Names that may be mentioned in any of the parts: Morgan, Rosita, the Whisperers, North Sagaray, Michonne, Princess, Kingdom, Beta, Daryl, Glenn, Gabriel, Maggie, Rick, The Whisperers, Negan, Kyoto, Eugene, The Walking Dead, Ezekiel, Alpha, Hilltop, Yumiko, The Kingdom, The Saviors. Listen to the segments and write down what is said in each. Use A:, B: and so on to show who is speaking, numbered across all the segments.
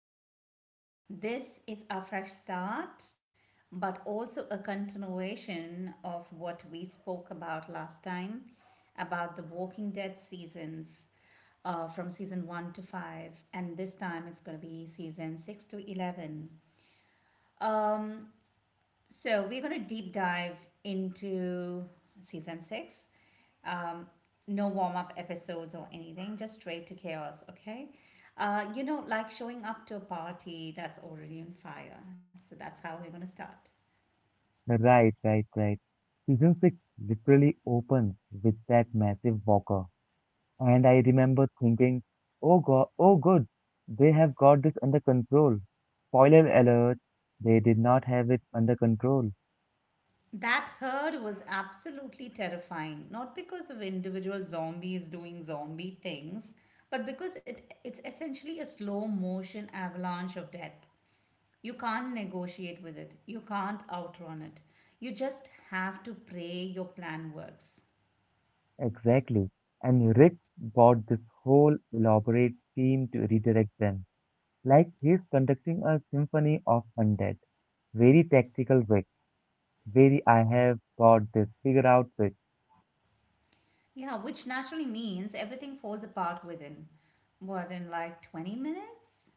A: Apocalypse. This is a fresh start, but also a continuation of what we spoke about last time about the Walking Dead seasons from season 1 to 5, and this time it's going to be season 6 to 11. So, we're going to deep dive into season 6, no warm up episodes or anything, just straight to chaos, okay? Like showing up to a party that's already on fire. So that's how we're going to start.
B: Right, right, right. Season 6 literally opens with that massive walker. And I remember thinking, oh god, oh good, they have got this under control. Spoiler alert, they did not have it under control.
A: That herd was absolutely terrifying, not because of individual zombies doing zombie things, but because it's essentially a slow motion avalanche of death. You can't negotiate with it, you can't outrun it. You just have to pray your plan works.
B: Exactly. And Rick bought this whole elaborate team to redirect them. Like he's conducting a symphony of undead. Very tactical Rick. Very I have got this figured out Rick.
A: Yeah, which naturally means everything falls apart within, what, in like 20 minutes?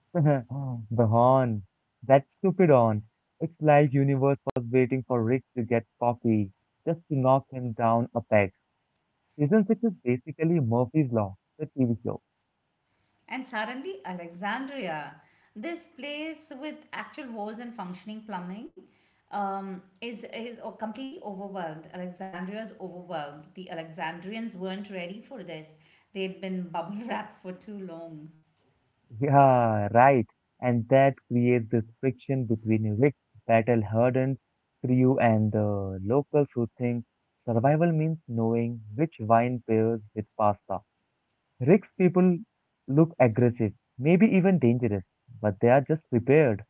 B: The horn. That stupid horn. It's like universe was waiting for Rick to get coffee just to knock him down a peg. Season 6 is basically Murphy's Law, the TV show.
A: And suddenly, Alexandria, this place with actual walls and functioning plumbing, completely overwhelmed. Alexandria is overwhelmed. The Alexandrians weren't ready for this, they'd been bubble wrapped for too long.
B: Yeah, right. And that creates this friction between Rick, battle-hardened crew and the locals who think survival means knowing which wine pairs with pasta. Rick's people look aggressive, maybe even dangerous, but they are just prepared.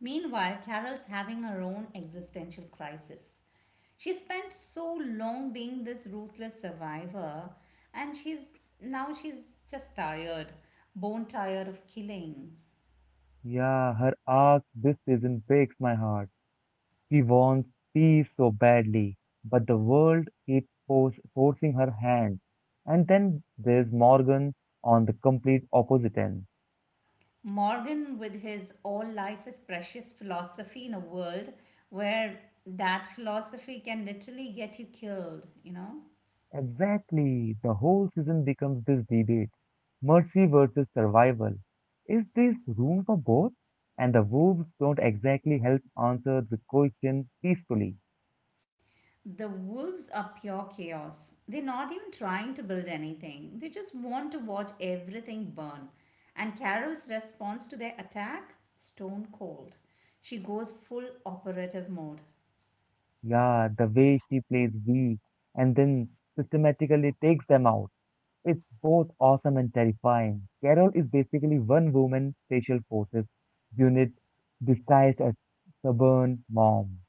A: Meanwhile, Carol's having her own existential crisis. She spent so long being this ruthless survivor, and she's now she's just tired, bone tired of killing.
B: Yeah, her arc this season breaks my heart. She wants peace so badly, but the world keeps forcing her hand. And then there's Morgan on the complete opposite end.
A: Morgan, with his all life is precious philosophy in a world where that philosophy can literally get you killed, you know?
B: Exactly, the whole season becomes this debate mercy versus survival. Is there room for both? And the wolves don't exactly help answer the question peacefully.
A: The wolves are pure chaos. They're not even trying to build anything. They just want to watch everything burn. And Carol's response to their attack? Stone cold. She goes full operative mode.
B: Yeah, the way she plays weak and then systematically takes them out. It's both awesome and terrifying. Carol is basically one woman special forces unit disguised as stubborn mom.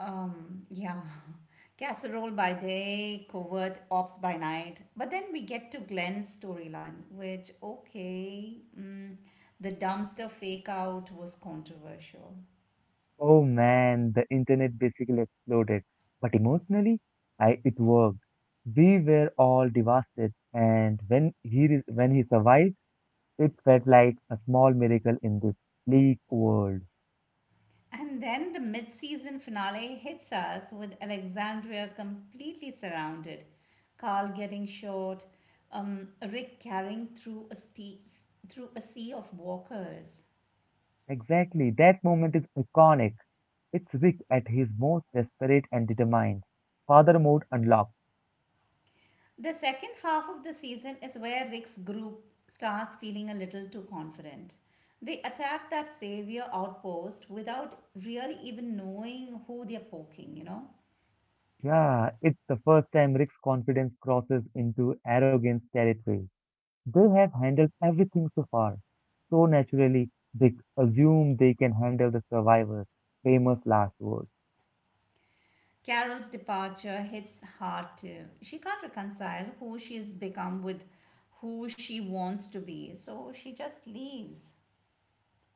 A: Um, yeah. Casserole by day, covert ops by night. But then we get to Glenn's storyline, which, okay, the dumpster fake out was controversial.
B: Oh man, the internet basically exploded. But emotionally, I it worked. We were all devastated, and when he survived, it felt like a small miracle in this bleak world.
A: And then the mid season finale hits us with Alexandria completely surrounded, Carl getting shot, Rick carrying through through a sea of walkers.
B: Exactly, that moment is iconic. It's Rick at his most desperate and determined. Father mode unlocked.
A: The second half of the season is where Rick's group starts feeling a little too confident. They attack that savior outpost without really even knowing who they're poking, you know?
B: Yeah, it's the first time Rick's confidence crosses into arrogance territory. They have handled everything so far. So naturally, they assume they can handle the survivors' famous last words.
A: Carol's departure hits hard too. She can't reconcile who she's become with who she wants to be, so she just leaves.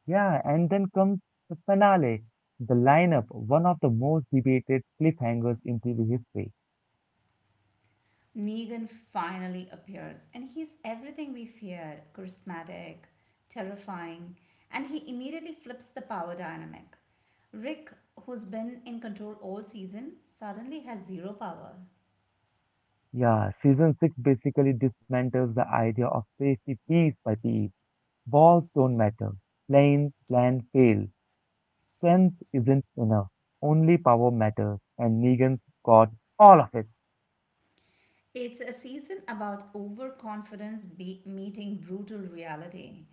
B: Yeah, and then comes the finale, the lineup, one of the most debated cliffhangers in TV history.
A: Negan finally appears, and he's everything we feared: charismatic, terrifying, and he immediately flips the power dynamic. Rick, who's been in control all season, suddenly has zero power.
B: Yeah, season 6 basically dismantles the idea of safety piece by piece. Balls don't matter. Planes land fail. Strength isn't enough. Only power matters, and Negan's got all of it.
A: It's a season about meeting brutal reality.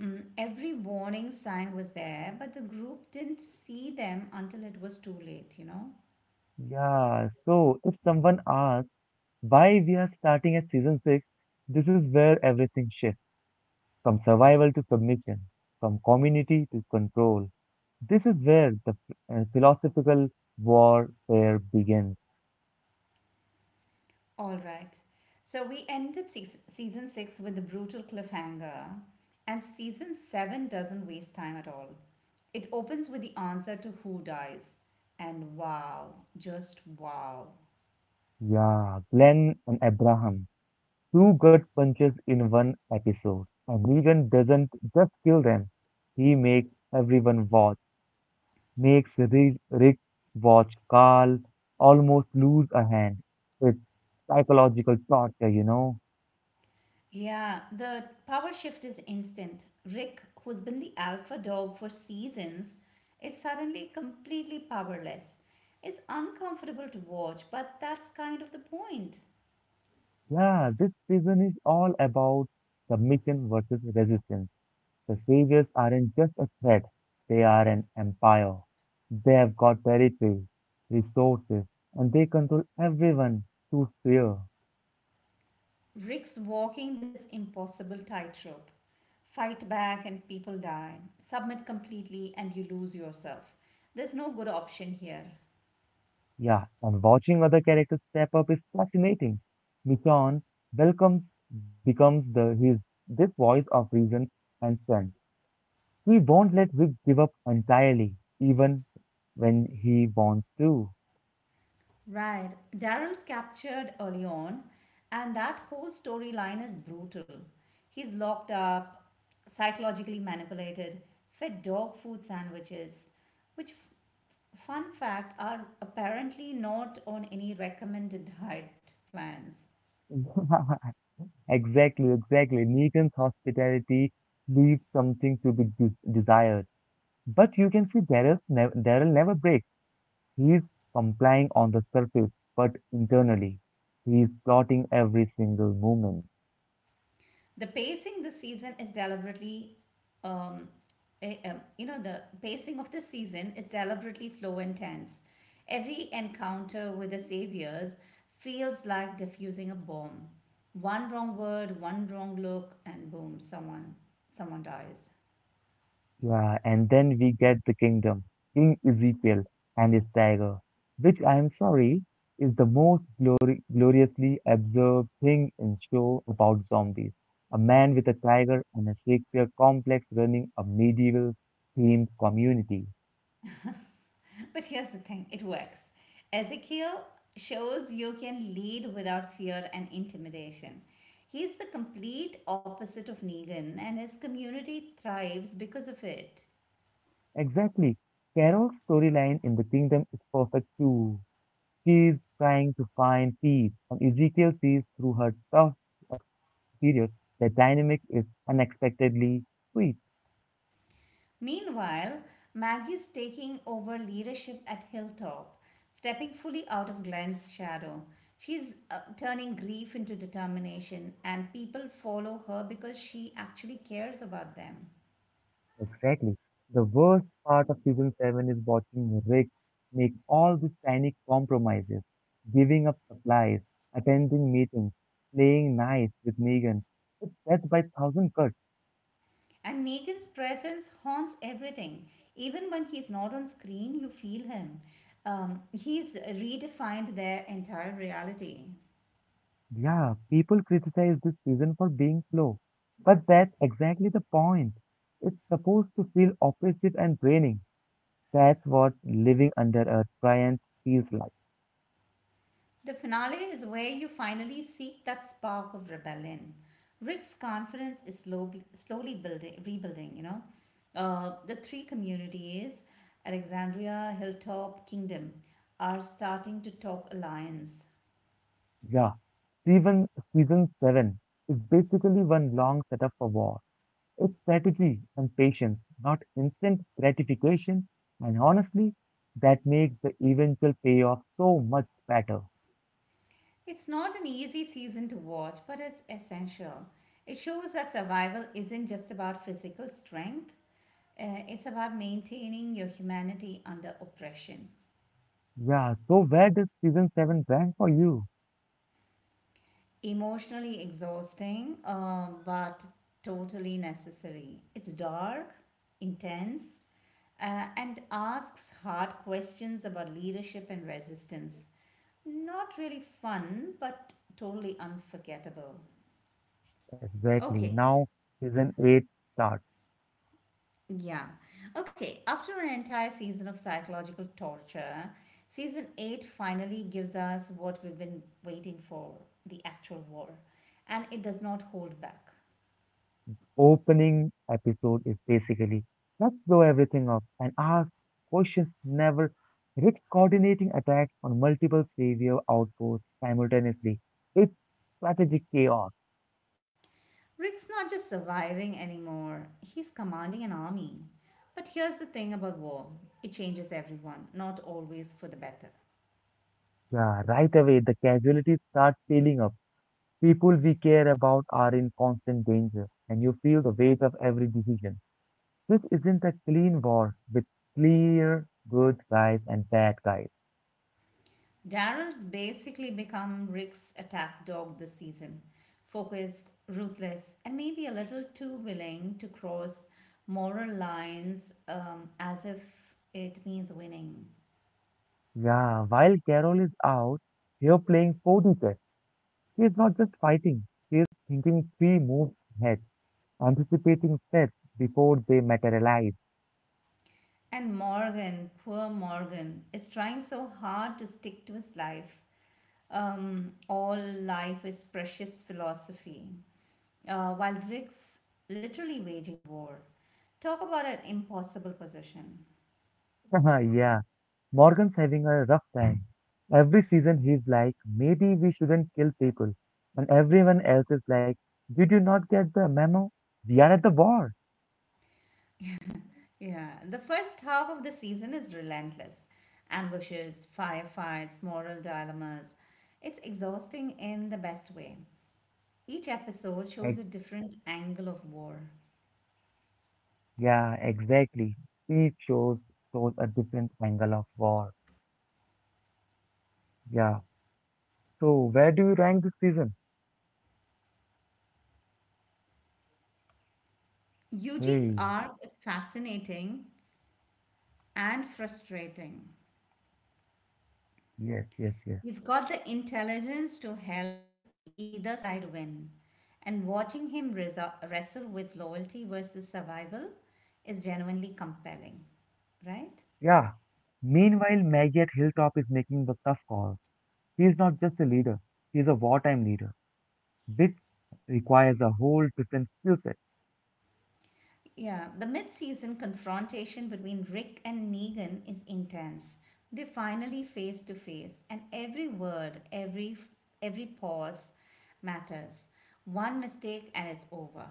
A: Mm, every warning sign was there, but the group didn't see them until it was too late, you know?
B: Yeah, so if someone asks why we are starting at season 6, this is where everything shifts from survival to submission, from community to control. This is where the philosophical warfare begins.
A: All right. So we ended season six with the brutal cliffhanger, and season seven doesn't waste time at all. It opens with the answer to who dies. And wow, just wow.
B: Yeah, Glenn and Abraham, two gut punches in one episode. And Negan doesn't just kill them, he makes everyone watch, makes Rick watch Carl almost lose a hand. It's psychological torture.
A: Yeah, the power shift is instant. Rick, who's been the alpha dog for seasons, is suddenly completely powerless. It's uncomfortable to watch, but that's kind of the point.
B: Yeah, this season is all about submission versus resistance. The saviors aren't just a threat, they are an empire. They have got territory, resources, and they control everyone through fear.
A: Rick's walking this impossible tightrope. Fight back and people die. Submit completely and you lose yourself. There's no good option here.
B: Yeah, and watching other characters step up is fascinating. Michonne welcomes becomes the his this voice of reason and strength. He won't let Rick give up entirely, even when he wants to.
A: Right. Daryl's captured early on, and that whole storyline is brutal. He's locked up, psychologically manipulated, fed dog food sandwiches, which, fun fact, are apparently not on any recommended diet plans.
B: Exactly, exactly. Negan's hospitality leaves something to be desired, but you can see Daryl never breaks. He's complying on the surface, but internally, he's plotting every single movement.
A: The pacing this season is deliberately, um, eh, you know, the pacing of this season is deliberately slow and tense. Every encounter with the saviors feels like diffusing a bomb. One wrong word, one wrong look, and boom, someone dies.
B: Yeah, and then we get the kingdom, King Ezekiel and his tiger, which I am sorry is the most gloriously absurd thing in show about zombies. A man with a tiger and a Shakespeare complex running a medieval themed community.
A: But here's the thing, it works. Ezekiel shows you can lead without fear and intimidation. He's the complete opposite of Negan, and his community thrives because of it.
B: Exactly. Carol's storyline in the kingdom is perfect too. She is trying to find peace, and Ezekiel sees through her tough exterior. That dynamic is unexpectedly sweet.
A: Meanwhile, Maggie's taking over leadership at Hilltop, stepping fully out of Glenn's shadow. She's turning grief into determination, and people follow her because she actually cares about them.
B: Exactly. The worst part of season 7 is watching Rick make all these tiny compromises, giving up supplies, attending meetings, playing nice with Negan. It's death by thousand cuts.
A: And Negan's presence haunts everything. Even when he's not on screen, you feel him. He's redefined their entire reality.
B: Yeah, people criticize this season for being slow, but that's exactly the point. It's supposed to feel oppressive and draining. That's what living under a giant feels like.
A: The finale is where you finally seek that spark of rebellion. Rick's confidence is slowly building, rebuilding, you know. The three communities, Alexandria, Hilltop, Kingdom, are starting to talk alliance.
B: Yeah, season season seven is basically one long setup for war. It's strategy and patience, not instant gratification, and honestly, that makes the eventual payoff so much better.
A: It's not an easy season to watch, but it's essential. It shows that survival isn't just about physical strength, it's about maintaining your humanity under oppression.
B: Yeah, so where does season 7 rank for you?
A: Emotionally exhausting, but totally necessary. It's dark, intense, and asks hard questions about leadership and resistance. Not really fun, but totally unforgettable.
B: Exactly.
A: Okay,
B: Now, season 8 starts.
A: yeah. Okay, after an entire season of psychological torture, season 8 finally gives us what we've been waiting for: the actual war. And it does not hold back.
B: Opening episode is basically let's blow everything up and ask questions never. Rick coordinating attacks on multiple savior outposts simultaneously. It's strategic chaos.
A: Rick's not just surviving anymore, he's commanding an army. But here's the thing about war: it changes everyone, not always for the better.
B: Yeah, right away the casualties start piling up. People we care about are in constant danger, and you feel the weight of every decision. This isn't a clean war with clear good guys and bad guys.
A: Daryl's basically become Rick's attack dog this season, focused, ruthless, and maybe a little too willing to cross moral lines as if it means winning.
B: Yeah, while Carol is out here playing 4D chess, she is not just fighting, she is thinking three moves ahead, anticipating threats before they materialize.
A: And Morgan, poor Morgan, is trying so hard to stick to his life, all life is precious philosophy, while Rick's literally waging war. Talk about an impossible position.
B: Yeah, Morgan's having a rough time. Every season he's like, maybe we shouldn't kill people. And everyone else is like, did you not get the memo? We are at the war.
A: Yeah, the first half of the season is relentless: ambushes, firefights, moral dilemmas. It's exhausting in the best way. Each episode shows a
B: Ex-
A: different angle of war.
B: yeah, exactly. Each shows a different angle of war. Yeah. So where do you rank this season?
A: Eugene's
B: Hey,
A: arc is fascinating and frustrating.
B: yes, yes, yes.
A: He's got the intelligence to help either side win. And watching him wrestle with loyalty versus survival is genuinely compelling, right?
B: Yeah. Meanwhile, Maggie at Hilltop is making the tough calls. He is not just a leader, he is a wartime leader, which requires a whole different skill set.
A: Yeah, the mid season confrontation between Rick and Negan is intense. They're finally face to face, and every pause matters. One mistake, and it's over.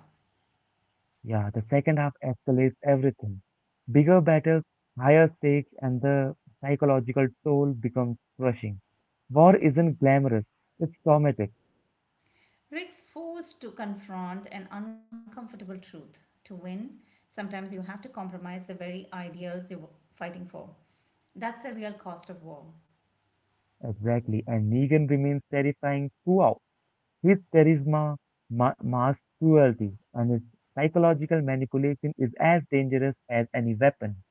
B: Yeah, the second half escalates everything. Bigger battles, higher stakes, and the psychological toll becomes crushing. War isn't glamorous, it's traumatic.
A: Rick's forced to confront an uncomfortable truth. To win, sometimes you have to compromise the very ideals you're fighting for. That's the real cost of war.
B: Exactly, and Negan remains terrifying throughout. His charisma ma masks cruelty, and his psychological manipulation is as dangerous as any weapon.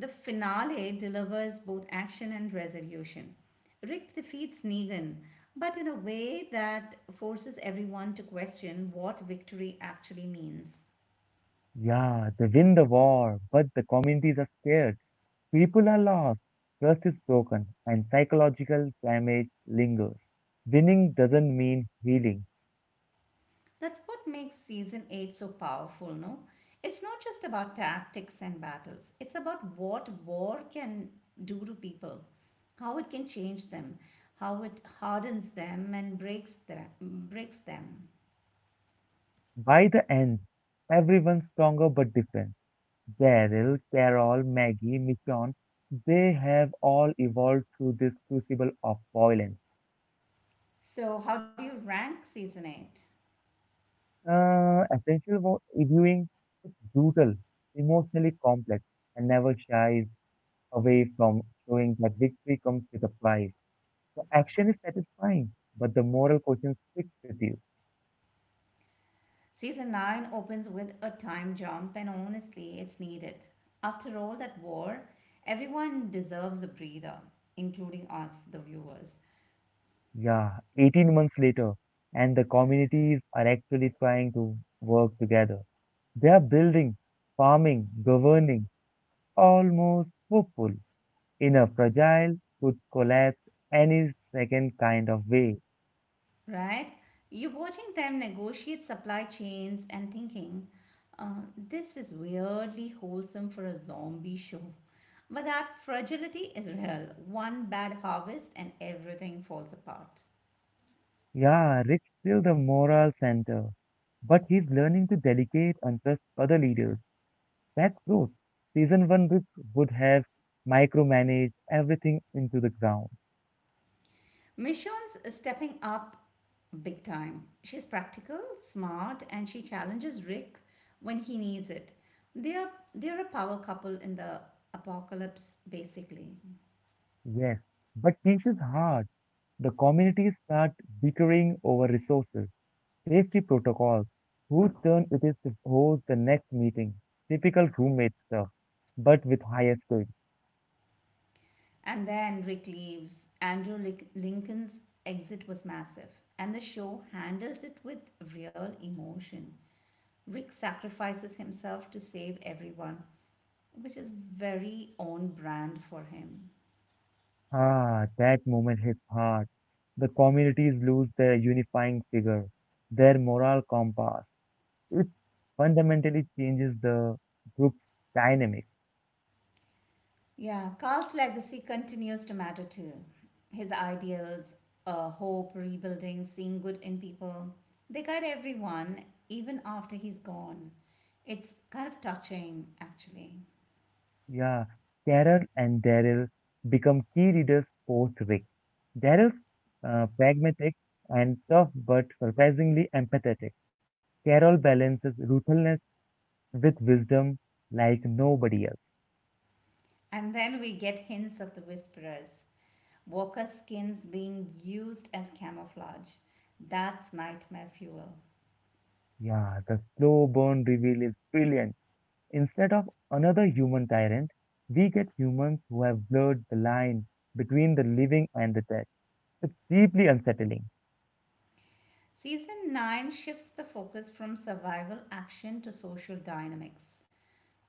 A: The finale delivers both action and resolution. Rick defeats Negan, but in a way that forces everyone to question what victory actually means.
B: Yeah, they win the war, but the communities are scared. People are lost, trust is broken, and psychological damage lingers. Winning doesn't mean healing.
A: That's what makes season 8 so powerful, no? It's not just about tactics and battles, it's about what war can do to people, how it can change them, how it hardens them and breaks them.
B: By the end, everyone's stronger but different. Daryl, Carol, Maggie, Michonne, they have all evolved through this crucible of violence.
A: So, how do you rank season 8?
B: Essential viewing, brutal, emotionally complex, and never shies away from showing that victory comes with a price. The action is satisfying, but the moral question sticks with you.
A: Season 9 opens with a time jump, and honestly, it's needed. After all that war, everyone deserves a breather, including us, the viewers.
B: Yeah, 18 months later, and the communities are actually trying to work together. They are building, farming, governing, almost hopeful in a fragile, could collapse any second kind of way.
A: Right? You're watching them negotiate supply chains and thinking, this is weirdly wholesome for a zombie show. But that fragility is real. One bad harvest and everything falls apart.
B: Yeah, Rick's still the moral center, but he's learning to delegate and trust other leaders. That's growth. Season one would have micromanaged everything into the ground.
A: Michonne's stepping up big time. She's practical, smart, and she challenges Rick when he needs it. They're a power couple in the apocalypse, basically.
B: Yes, but change is hard. The communities start bickering over resources, safety protocols, whose turn it is to host the next meeting, typical roommate stuff, but with higher stakes.
A: And then Rick leaves. Lincoln's exit was massive, and the show handles it with real emotion. Rick sacrifices himself to save everyone, which is very on brand for him.
B: Ah, that moment hits hard. The communities lose their unifying figure, their moral compass. It fundamentally changes the group's dynamic.
A: Yeah, Carl's legacy continues to matter too. His ideals, hope, rebuilding, seeing good in people, they guide everyone even after he's gone. It's kind of touching, actually.
B: Yeah, Carol and Daryl become key leaders post Rick. Daryl's pragmatic and tough but surprisingly empathetic. Carol balances ruthlessness with wisdom like nobody else.
A: And then we get hints of the whisperers. Walker skins being used as camouflage. That's nightmare fuel.
B: Yeah, the slow burn reveal is brilliant. Instead of another human tyrant, we get humans who have blurred the line between the living and the dead. It's deeply unsettling.
A: Season 9 shifts the focus from survival action to social dynamics.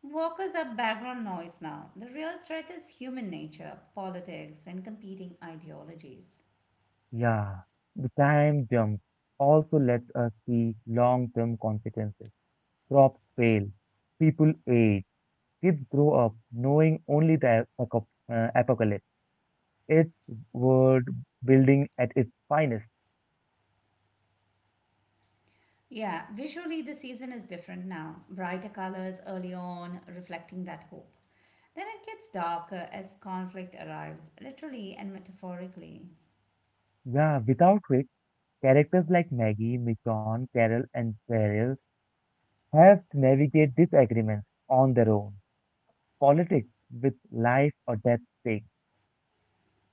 A: Walkers are background noise now. The real threat is human nature, politics, and competing ideologies.
B: Yeah, the time jump also lets us see long-term consequences. Crops fail, people age, kids grow up knowing only the apocalypse. It's world building at its finest.
A: Yeah, visually the season is different now. Brighter colors early on, reflecting that hope. Then it gets darker as conflict arrives, literally and metaphorically.
B: Yeah, without which characters like Maggie, Michonne, Carol, and Beryl have to navigate disagreements on their own. Politics with life or death stakes.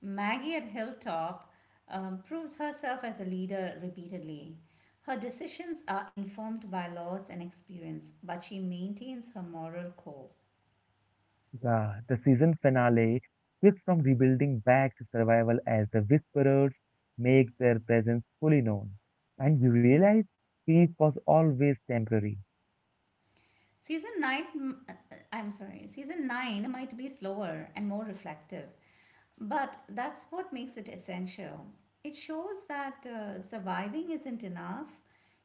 A: Maggie at Hilltop proves herself as a leader repeatedly. Her decisions are informed by laws and experience, but she maintains her moral core.
B: Yeah, the season finale shifts from rebuilding back to survival as the Whisperers make their presence fully known. And you realize peace was always temporary.
A: Season 9, uh, I'm sorry, season 9 might be slower and more reflective, but that's what makes it essential. It shows that surviving isn't enough.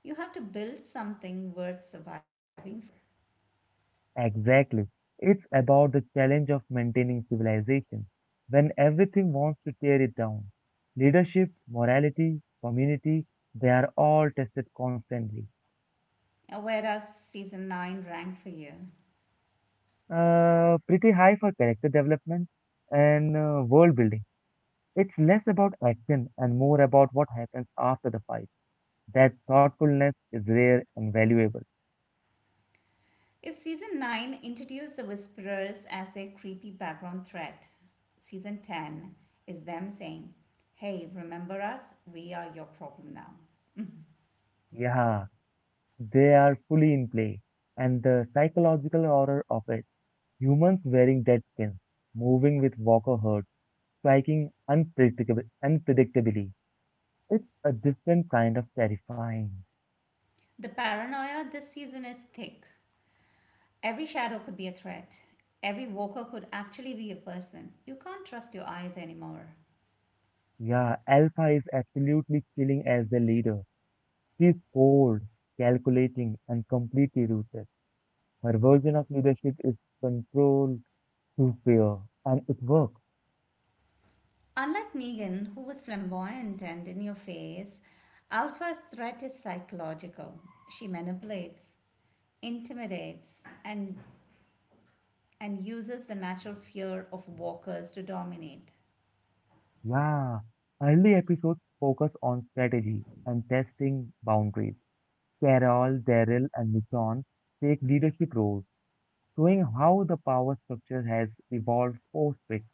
A: You have to build something worth surviving for.
B: Exactly. It's about the challenge of maintaining civilization when everything wants to tear it down. Leadership, morality, community, they are all tested constantly.
A: Where does season 9 rank for you?
B: Pretty high for character development and world building. It's less about action and more about what happens after the fight. That thoughtfulness is rare and valuable.
A: If season 9 introduced the whisperers as a creepy background threat, season 10 is them saying, hey, remember us? We are your problem now.
B: Yeah, they are fully in play. And the psychological horror of it humans wearing dead skins, moving with walker herds, striking unpredictably. It's a different kind of terrifying.
A: The paranoia this season is thick. Every shadow could be a threat. Every walker could actually be a person. You can't trust your eyes anymore.
B: Yeah, Alpha is absolutely chilling as the leader. She's cold, calculating, and completely ruthless. Her version of leadership is control to fear, and it works.
A: Unlike Negan, who was flamboyant and in your face, Alpha's threat is psychological. She manipulates, intimidates, and uses the natural fear of walkers to dominate.
B: Yeah, early episodes focus on strategy and testing boundaries. Carol, Daryl, and Michonne take leadership roles, showing how the power structure has evolved post-Rick.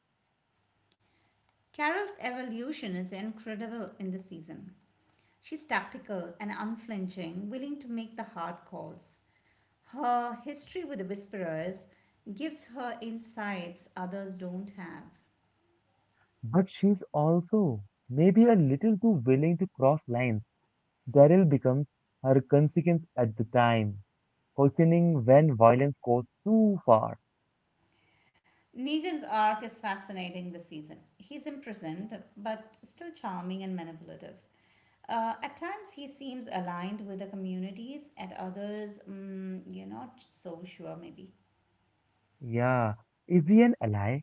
A: Carol's evolution is incredible in this season. She's tactical and unflinching, willing to make the hard calls. Her history with the Whisperers gives her insights others don't have.
B: But she's also maybe a little too willing to cross lines. Daryl becomes her consequence at the time, questioning when violence goes too far.
A: Negan's arc is fascinating this season. He's imprisoned, but still charming and manipulative. At times, he seems aligned with the communities, at others, mm, you're not so sure, maybe.
B: Yeah, is he an ally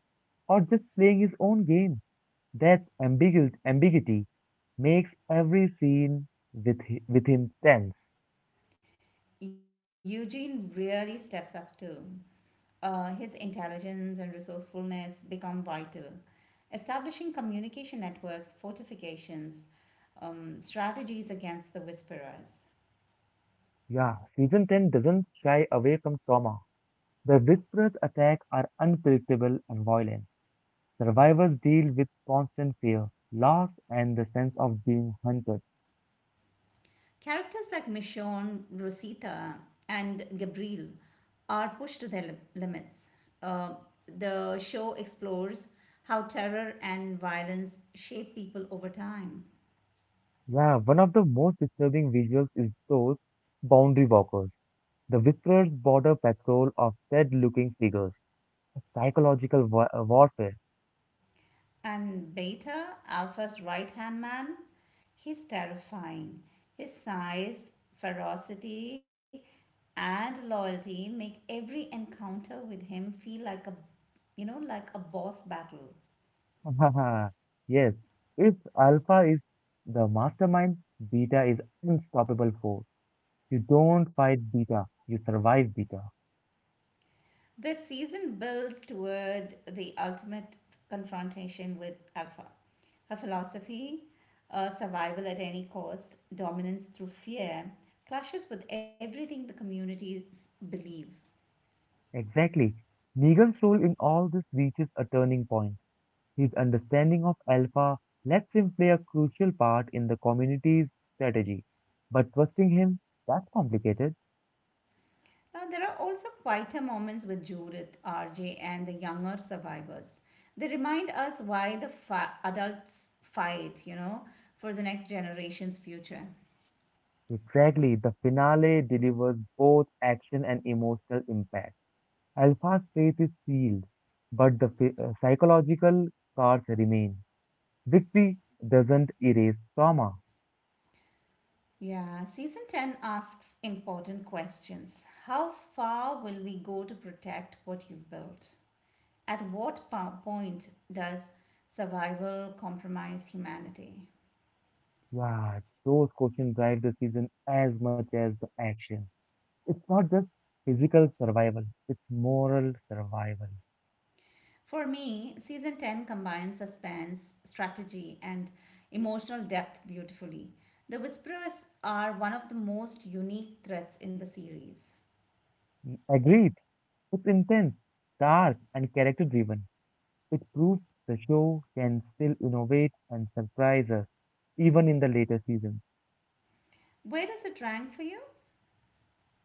B: or just playing his own game? That ambiguity makes every scene within tense.
A: Eugene really steps up too. His intelligence and resourcefulness become vital. Establishing communication networks, fortifications, strategies against the whisperers.
B: Yeah, season 10 doesn't shy away from trauma. The Whisperer's attacks are unpredictable and violent. Survivors deal with constant fear, loss, and the sense of being hunted.
A: Characters like Michonne, Rosita, and Gabriel are pushed to their limits. Uh, the show explores how terror and violence shape people over time.
B: Yeah, one of the most disturbing visuals is those boundary walkers. The Whisperer's border patrol of dead looking figures, a psychological warfare.
A: And Beta, Alpha's right hand man, he's terrifying. His size, ferocity, and loyalty make every encounter with him feel like a like a boss battle.
B: Yes, if Alpha is the mastermind, Beta is unstoppable force. You don't fight Beta, you survive Beta.
A: This season builds toward the ultimate confrontation with Alpha. Her philosophy, survival at any cost, dominance through fear, clashes with everything the communities believe.
B: Exactly. Negan's role in all this reaches a turning point. His understanding of Alpha lets him play a crucial part in the community's strategy. But trusting him, that's complicated.
A: There are also quieter moments with Judith, RJ, and the younger survivors. They remind us why the fa adults fight, you know, for the next generation's future.
B: Exactly, the finale delivers both action and emotional impact. Alpha's faith is sealed, but the psychological scars remain. Victory doesn't erase trauma.
A: Yeah, season 10 asks important questions. How far will we go to protect what you've built? At what point does survival compromise humanity?
B: Yeah, those questions drive the season as much as the action. It's not just physical survival, it's moral survival.
A: For me, season 10 combines suspense, strategy, and emotional depth beautifully. The Whisperers are one of the most unique threats in the series.
B: Mm, agreed. It's intense, dark, and character driven. It proves the show can still innovate and surprise us, even in the later seasons.
A: Where does it rank for you?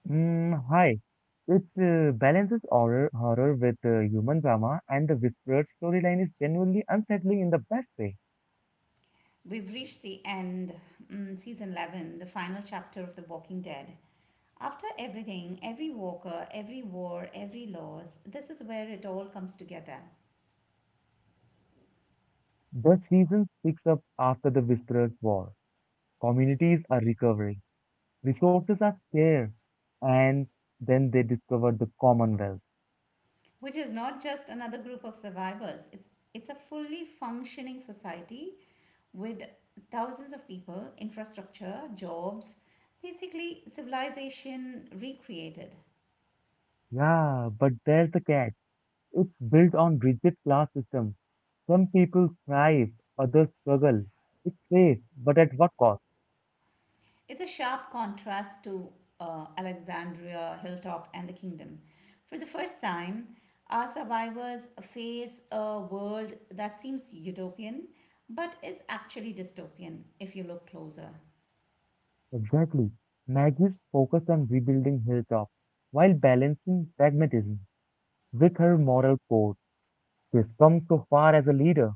B: Mm, hi. It balances horror with human drama, and the Whisperer storyline is genuinely unsettling in the best way.
A: We've reached the end, mm, season 11, the final chapter of The Walking Dead. After everything, every walker, every war, every loss, this is where it all comes together.
B: The season picks up after the Whisperer's war. Communities are recovering, resources are scarce, and then they discover the Commonwealth.
A: Which is not just another group of survivors. It's a fully functioning society with thousands of people, infrastructure, jobs, basically civilization recreated.
B: Yeah, but there's the catch. It's built on rigid class system. Some people thrive, others struggle. It's safe, but at what cost?
A: It's a sharp contrast to Alexandria, Hilltop, and the kingdom. For the first time, our survivors face a world that seems utopian but is actually dystopian if you look closer.
B: Exactly. Maggie's focus on rebuilding Hilltop while balancing pragmatism with her moral code. She's come so far as a leader.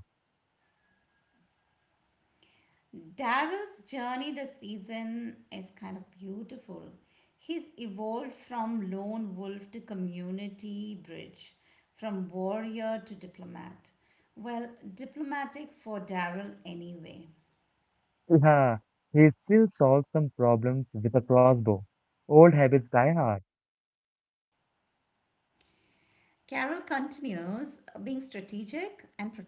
A: Daryl's journey this season is kind of beautiful. He's evolved from lone wolf to community bridge, from warrior to diplomat. Well, diplomatic for Daryl anyway.
B: Yeah, he still solves some problems with a crossbow. Old habits die hard.
A: Carol continues being strategic and protective.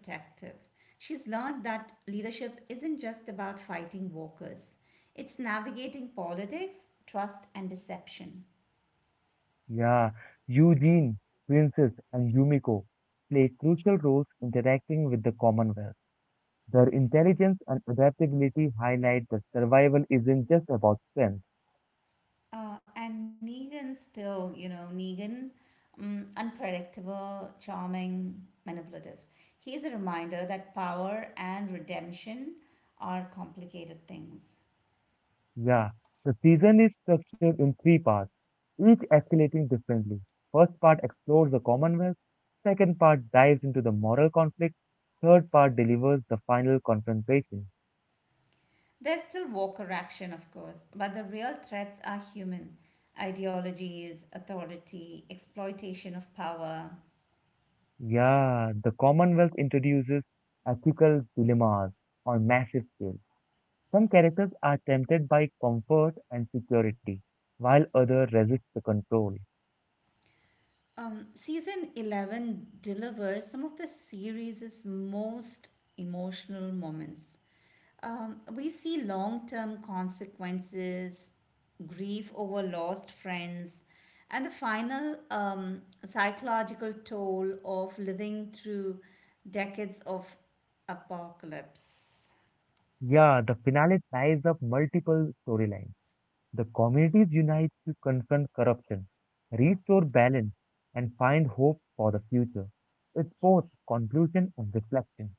A: She's learned that leadership isn't just about fighting walkers, it's navigating politics, trust, and deception.
B: Yeah, Eugene, Princess, and Yumiko play crucial roles interacting with the Commonwealth. Their intelligence and adaptability highlight that survival isn't just about strength.
A: And Negan still, you know, Negan, unpredictable, charming, manipulative. He's a reminder that power and redemption are complicated things.
B: Yeah, the season is structured in three parts, each escalating differently. First part explores the Commonwealth, second part dives into the moral conflict, third part delivers the final confrontation.
A: There's still Walker action, of course, but the real threats are human ideologies, authority, exploitation of power.
B: Yeah, the Commonwealth introduces ethical dilemmas on massive scale. Some characters are tempted by comfort and security, while others resist the control.
A: Season 11 delivers some of the series' most emotional moments. We see long term consequences, grief over lost friends, and the final psychological toll of living through decades of apocalypse.
B: Yeah, the finale ties up multiple storylines. The communities unite to confront corruption, restore balance, and find hope for the future. It's both conclusion and reflection.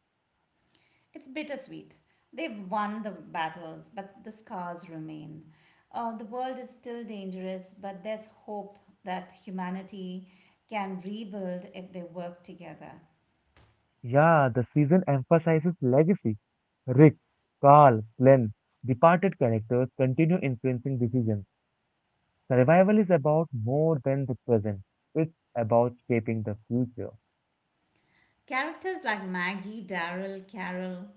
A: It's bittersweet. They've won the battles, but the scars remain. The world is still dangerous, but there's hope that humanity can rebuild if they work together.
B: Yeah, the season emphasizes legacy. Rick, Carl, Glenn, departed characters continue influencing decisions. Survival is about more than the present. It's about shaping the future.
A: Characters like Maggie, Daryl, Carol,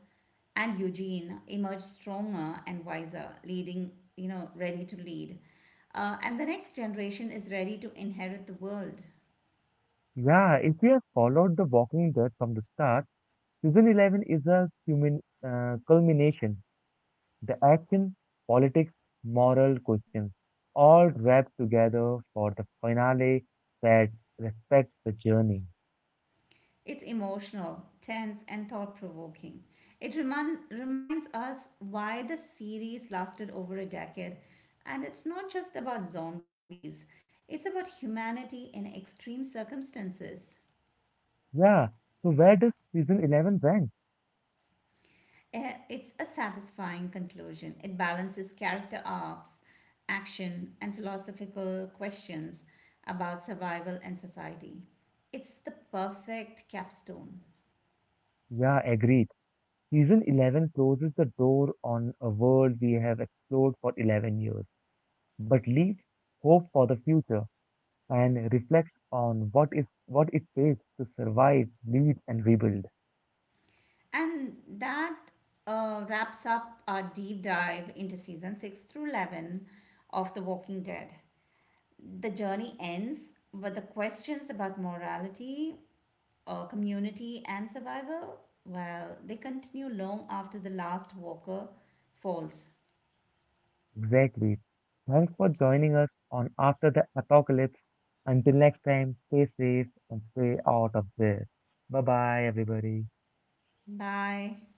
A: and Eugene emerge stronger and wiser, leading, you know, ready to lead. And the next generation is ready to inherit the world.
B: Yeah, if you have followed The Walking Dead from the start, season 11 is a culmination. The action, politics, moral questions, all wrapped together for the finale that respects the journey.
A: It's emotional, tense, and thought provoking. It reminds us why the series lasted over a decade. And it's not just about zombies, it's about humanity in extreme circumstances.
B: Yeah, so where does season 11 rank?
A: Eh, it's a satisfying conclusion. It balances character arcs, action, and philosophical questions about survival and society. It's the perfect capstone.
B: Yeah, agreed. Season 11 closes the door on a world we have explored for 11 years, but leaves hope for the future and reflects on what it takes to survive, lead, and rebuild.
A: And that wraps up our deep dive into season 6 through 11 of The Walking Dead. The journey ends, but the questions about morality, community, and survival, well, they continue long after the last walker falls.
B: Exactly. Thanks for joining us on After the Apocalypse. Until next time, stay safe and stay out of there. Bye bye, everybody.
A: Bye.